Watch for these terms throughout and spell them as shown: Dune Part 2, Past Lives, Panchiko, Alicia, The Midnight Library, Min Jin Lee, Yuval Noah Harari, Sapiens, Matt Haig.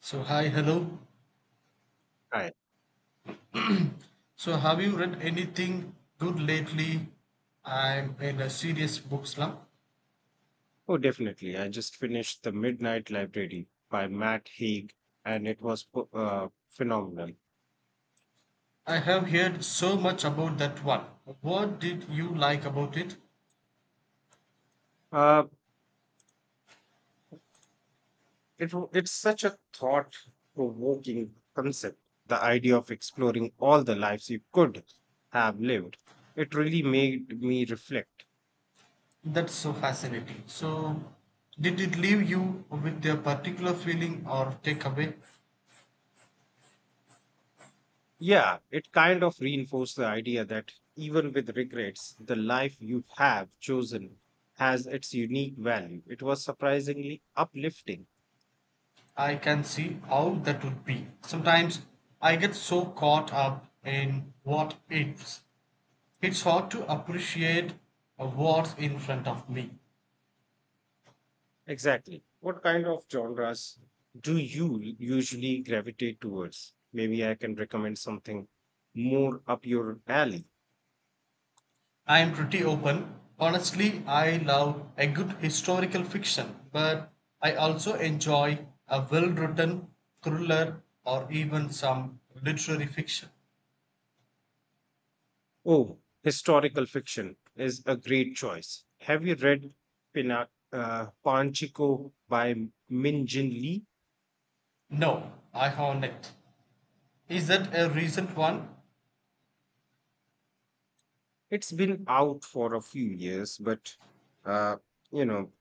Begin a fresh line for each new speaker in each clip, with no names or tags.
So hi, hello.
Hi.
So have you read anything good lately? I'm in a serious book slump.
Oh, definitely. I just finished The Midnight Library by Matt Haig, and it was phenomenal.
I have heard so much about that one. What did you like about it?
Uh, it's such a thought provoking concept, the idea of exploring all the lives you could have lived. It really made me reflect.
That's so fascinating. So did it leave you with a particular feeling or takeaway?
Yeah, it kind of reinforced the idea that even with regrets, the life you have chosen has its unique value. It was surprisingly uplifting.
I can see how that would be. Sometimes I get so caught up in what ifs. It's hard to appreciate what's in front of me.
Exactly. What kind of genres do you usually gravitate towards? Maybe I can recommend something more up your alley.
I'm pretty open. Honestly, I love a good historical fiction, but I also enjoy a well written thriller or even some literary fiction.
Oh, historical fiction is a great choice. Have you read Panchiko by Min Jin Lee?
No, I haven't. Is that a recent one?
It's been out for a few years, but uh, you know,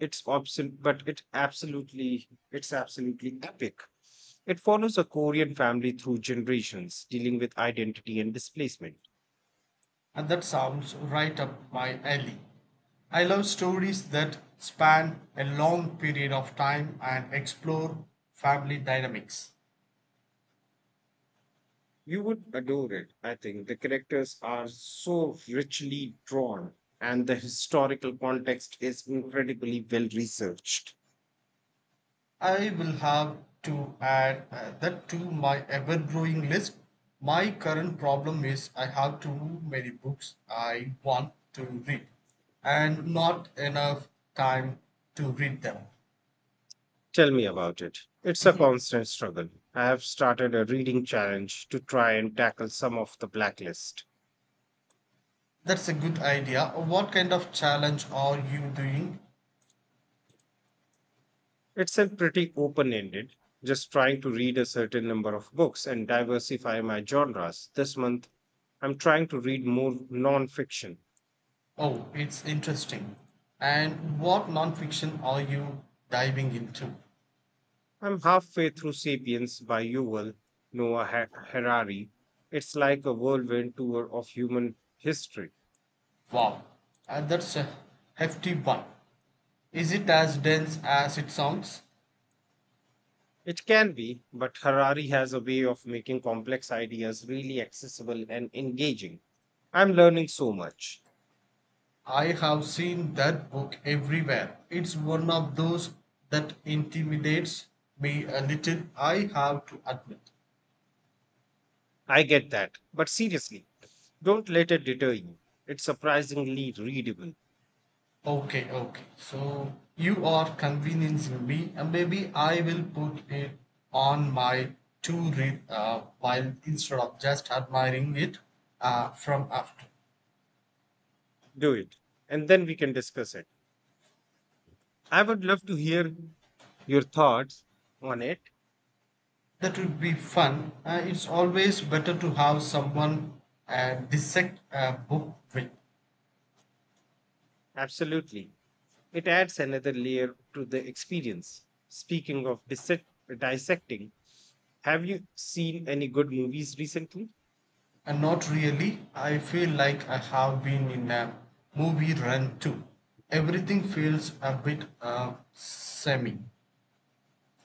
it's obs- but it absolutely, it's absolutely epic. It follows a Korean family through generations, dealing with identity and displacement.
And that sounds right up my alley. I love stories that span a long period of time and explore family dynamics.
You would adore it, I think. The characters are so richly drawn, and the historical context is incredibly well researched.
I will have to add that to my ever growing list. My current problem is I have too many books I want to read and not enough time to read them.
Tell me about it. It's a constant struggle. I have started a reading challenge to try and tackle some of the blacklist.
That's a good idea. What kind of challenge are you doing?
It's a pretty open ended, just trying to read a certain number of books and diversify my genres. This month, I'm trying to read more non fiction.
Oh, it's interesting. And what nonfiction are you diving into?
I'm halfway through Sapiens by Yuval Noah Harari. It's like a whirlwind tour of human history.
Wow, that's a hefty one. Is it as dense as it sounds?
It can be, but Harari has a way of making complex ideas really accessible and engaging. I'm learning so much.
I have seen that book everywhere. It's one of those that intimidates me a little, I have to admit.
I get that. But seriously, don't let it deter you. It's surprisingly readable.
Okay, okay. So you are convincing me, and maybe I will put it on my to read while instead of just admiring it from after.
Do it. And then we can discuss it. I would love to hear your thoughts on it.
That would be fun. It's always better to have someone dissect a book with.
Absolutely. It adds another layer to the experience. Speaking of dissecting, have you seen any good movies recently?
And Not really. I feel like I have been in a movie run too. Everything feels a bit semi.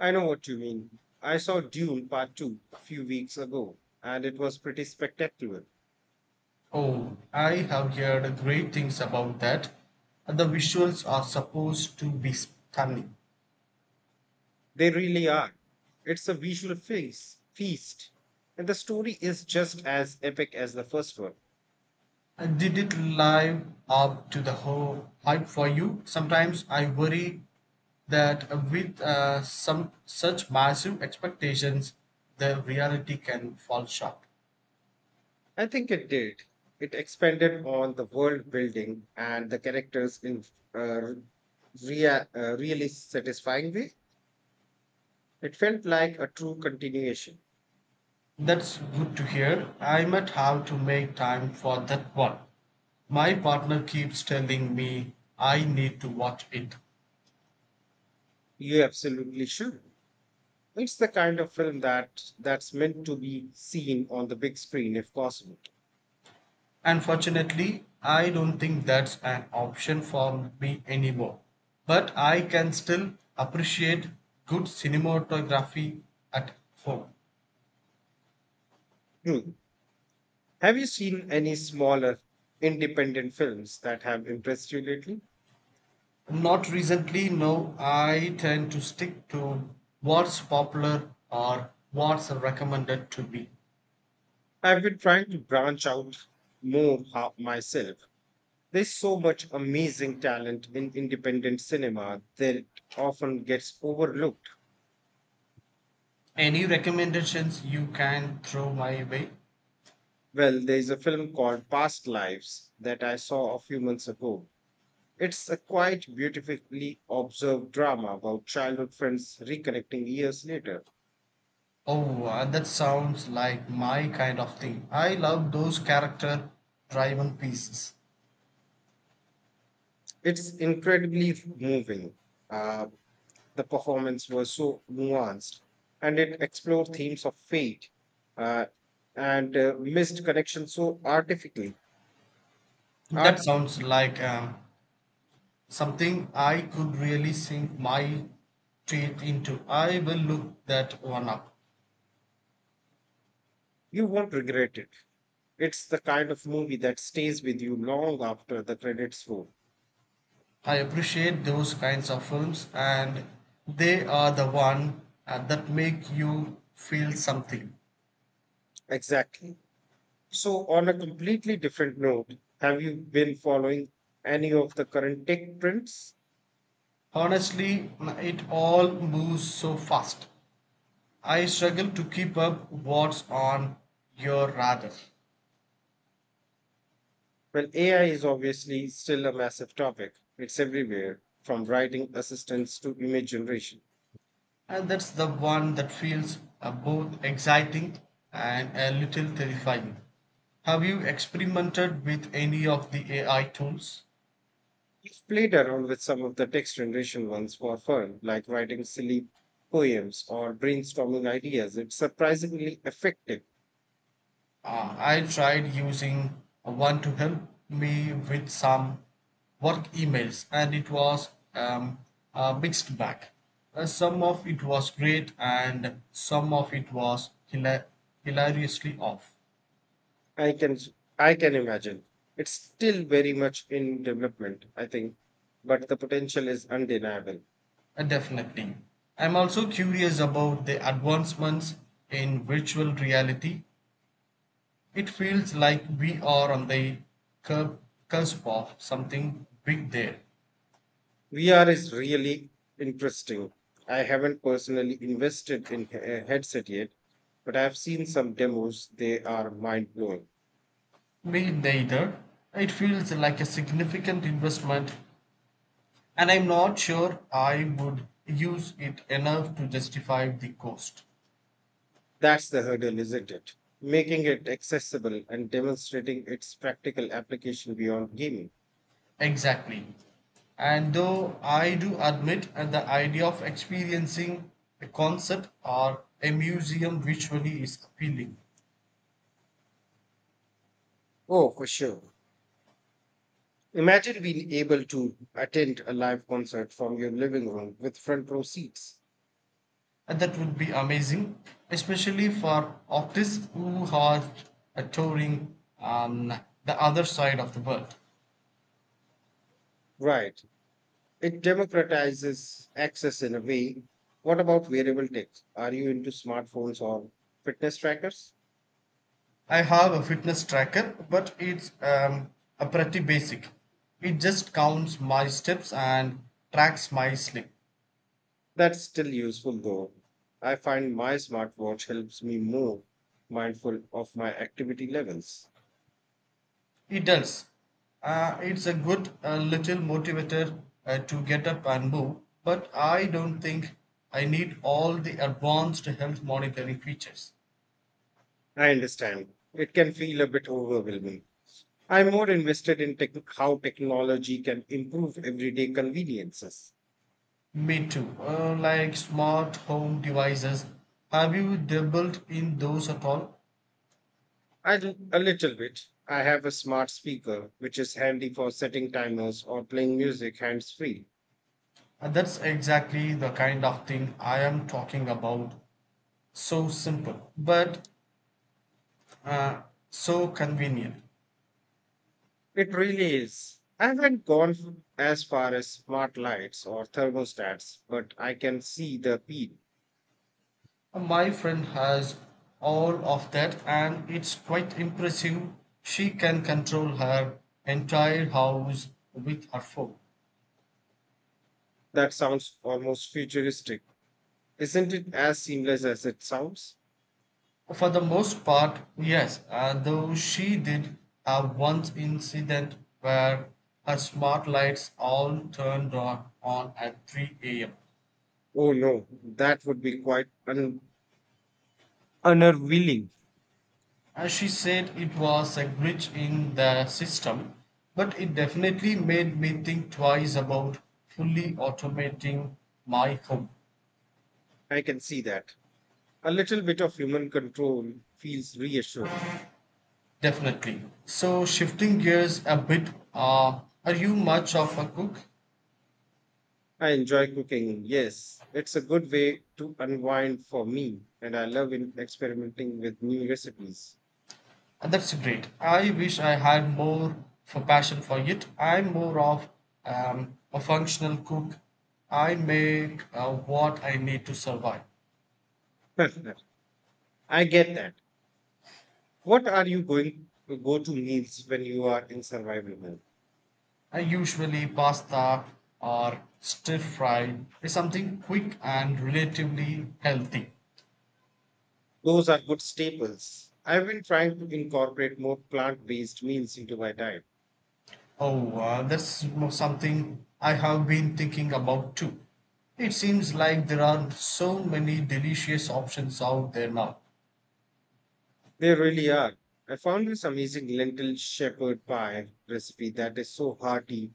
I know what you mean. I saw Dune Part 2 a few weeks ago, and it was pretty spectacular.
Oh, I have heard great things about that. The visuals are supposed to be stunning.
They really are. It's a visual feast. And the story is just as epic as the first one.
Did it live up to the whole hype for you? Sometimes I worry that with some such massive expectations, the reality can fall short.
I think it did. It expanded on the world building and the characters in a really satisfying way. It felt like a true continuation.
That's good to hear. I might have to make time for that one. My partner keeps telling me I need to watch it.
You absolutely should. It's the kind of film that's meant to be seen on the big screen if possible.
Unfortunately, I don't think that's an option for me anymore. But I can still appreciate good cinematography at home.
True. Have you seen any smaller independent films that have impressed you lately?
Not recently, no. I tend to stick to what's popular or what's recommended to me.
I've been trying to branch out more myself. There's so much amazing talent in independent cinema that often gets overlooked.
Any recommendations you can throw my way?
Well, there's a film called Past Lives that I saw a few months ago. It's a quite beautifully observed drama about childhood friends reconnecting years later.
Oh, that sounds like my kind of thing. I love those character driven pieces.
It's incredibly moving. Uh, the performance was so nuanced, and it explored themes of fate uh, and missed connection so artifically.
That
Artfully.
sounds like something I could really sink my teeth into. I will look that one up.
You won't regret it. It's the kind of movie that stays with you long after the credits roll.
I appreciate those kinds of films, and they are the one that make you feel something.
Exactly. So, on a completely different note, have you been following any of the current tech trends?
Honestly, it all moves so fast. I struggle to keep up what's on your radar.
Well, AI is obviously still a massive topic. It's everywhere, from writing assistants to image generation.
And that's the one that feels both exciting and a little terrifying. Have you experimented with any of the AI tools?
I've played around with some of the text generation ones for fun, like writing silly poems or brainstorming ideas. It's surprisingly effective.
I tried using one to help me with some work emails and it was a mixed bag. Some of it was great and some of it was hilariously off.
I can I can imagine. It's still very much in development, I think, but the potential is undeniable.
Definitely I'm also curious about the advancements in virtual reality. It feels like we are on the cur- cusp of something big there.
VR is really interesting. I haven't personally invested in a headset yet, but I've seen some demos. They are mind blowing.
Me neither. It feels like a significant investment, and I'm not sure I would use it enough to justify the cost.
That's the hurdle, isn't it? Making it accessible and demonstrating its practical application beyond gaming.
Exactly. And though I do admit the idea of experiencing a concert or a museum visually is appealing.
Oh, for sure. Imagine being able to attend a live concert from your living room with front row seats.
And that would be amazing, especially for artists who are touring on the other side of the world.
Right. It democratizes access in a way. What about wearable tech? Are you into smartphones or fitness trackers?
I have a fitness tracker, but it's a pretty basic. It just counts my steps and tracks my sleep.
That's still useful though. I find my smartwatch helps me more mindful of my activity levels.
It does. It's a good little motivator to get up and move, but I don't think I need all the advanced health monitoring features.
I understand. It can feel a bit overwhelming. I'm more invested in how technology can improve everyday conveniences.
Me too. Like smart home devices. Have you dabbled in those at all?
I do a little bit. I have a smart speaker, which is handy for setting timers or playing music hands free.
That's exactly the kind of thing I am talking about. So simple, but uh, so convenient.
It really is. I haven't gone as far as smart lights or thermostats, but I can see the appeal.
My friend has all of that, and it's quite impressive. She can control her entire house with her phone.
That sounds almost futuristic. Isn't it as seamless as it sounds?
For the most part, yes, though she did have one incident where her smart lights all turned on at 3 a.m.
Oh no, that would be quite unnerving.
As she said, it was a glitch in the system, but it definitely made me think twice about fully automating my home.
I can see that. A little bit of human control feels reassuring.
Definitely. So, shifting gears a bit, are you much of a cook?
I enjoy cooking, yes. It's a good way to unwind for me, and I love experimenting with new recipes.
That's great. I wish I had more for passion for it. I'm more of a functional cook. I make what I need to survive.
I get that. What are you going go to meals when you are in survival mode?
I usually pasta or stir fry is something quick and relatively healthy.
Those are good staples. I've been trying to incorporate more plant-based meals into my diet.
Oh, that's something I have been thinking about too. It seems like there are so many delicious options out there now.
They really are. I found this amazing lentil shepherd pie recipe that is so hearty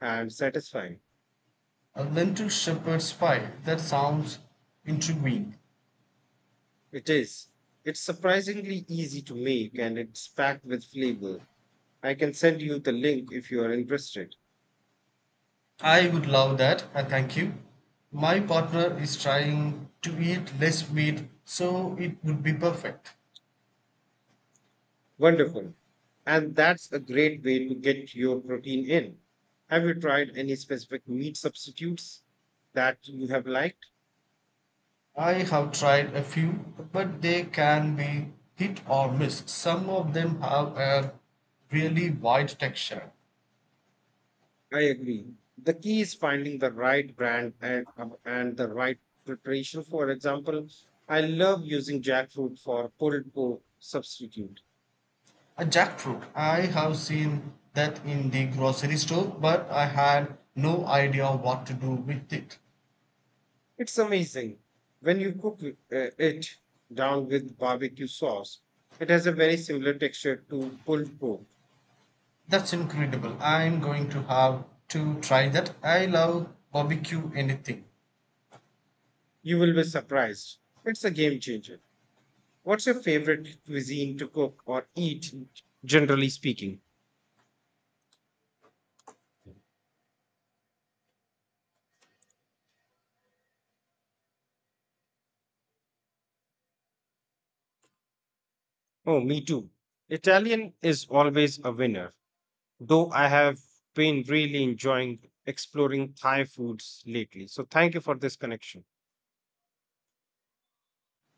and satisfying.
A lentil shepherd's pie, that sounds intriguing.
It is. It's surprisingly easy to make and it's packed with flavor. I can send you the link if you are interested.
I would love that, I thank you. My partner is trying to eat less meat, so it would be perfect.
Wonderful. And that's a great way to get your protein in. Have you tried any specific meat substitutes that you have liked?
I have tried a few, but they can be hit or miss. Some of them have a really wide texture.
I agree. The key is finding the right brand and, and the right preparation. For example, I love using jackfruit for pulled pork substitute.
A jackfruit. I have seen that in the grocery store, but I had no idea what to do with it.
It's amazing. When you it down with barbecue sauce, it has a very similar texture to pulled pork.
That's incredible. I'm going to have to try that. I love barbecue anything.
You will be surprised. It's a game changer. What's your favorite cuisine to cook or eat, generally speaking? Oh, me too. Italian is always a winner, though I have been really enjoying exploring Thai foods lately. So thank you for this connection.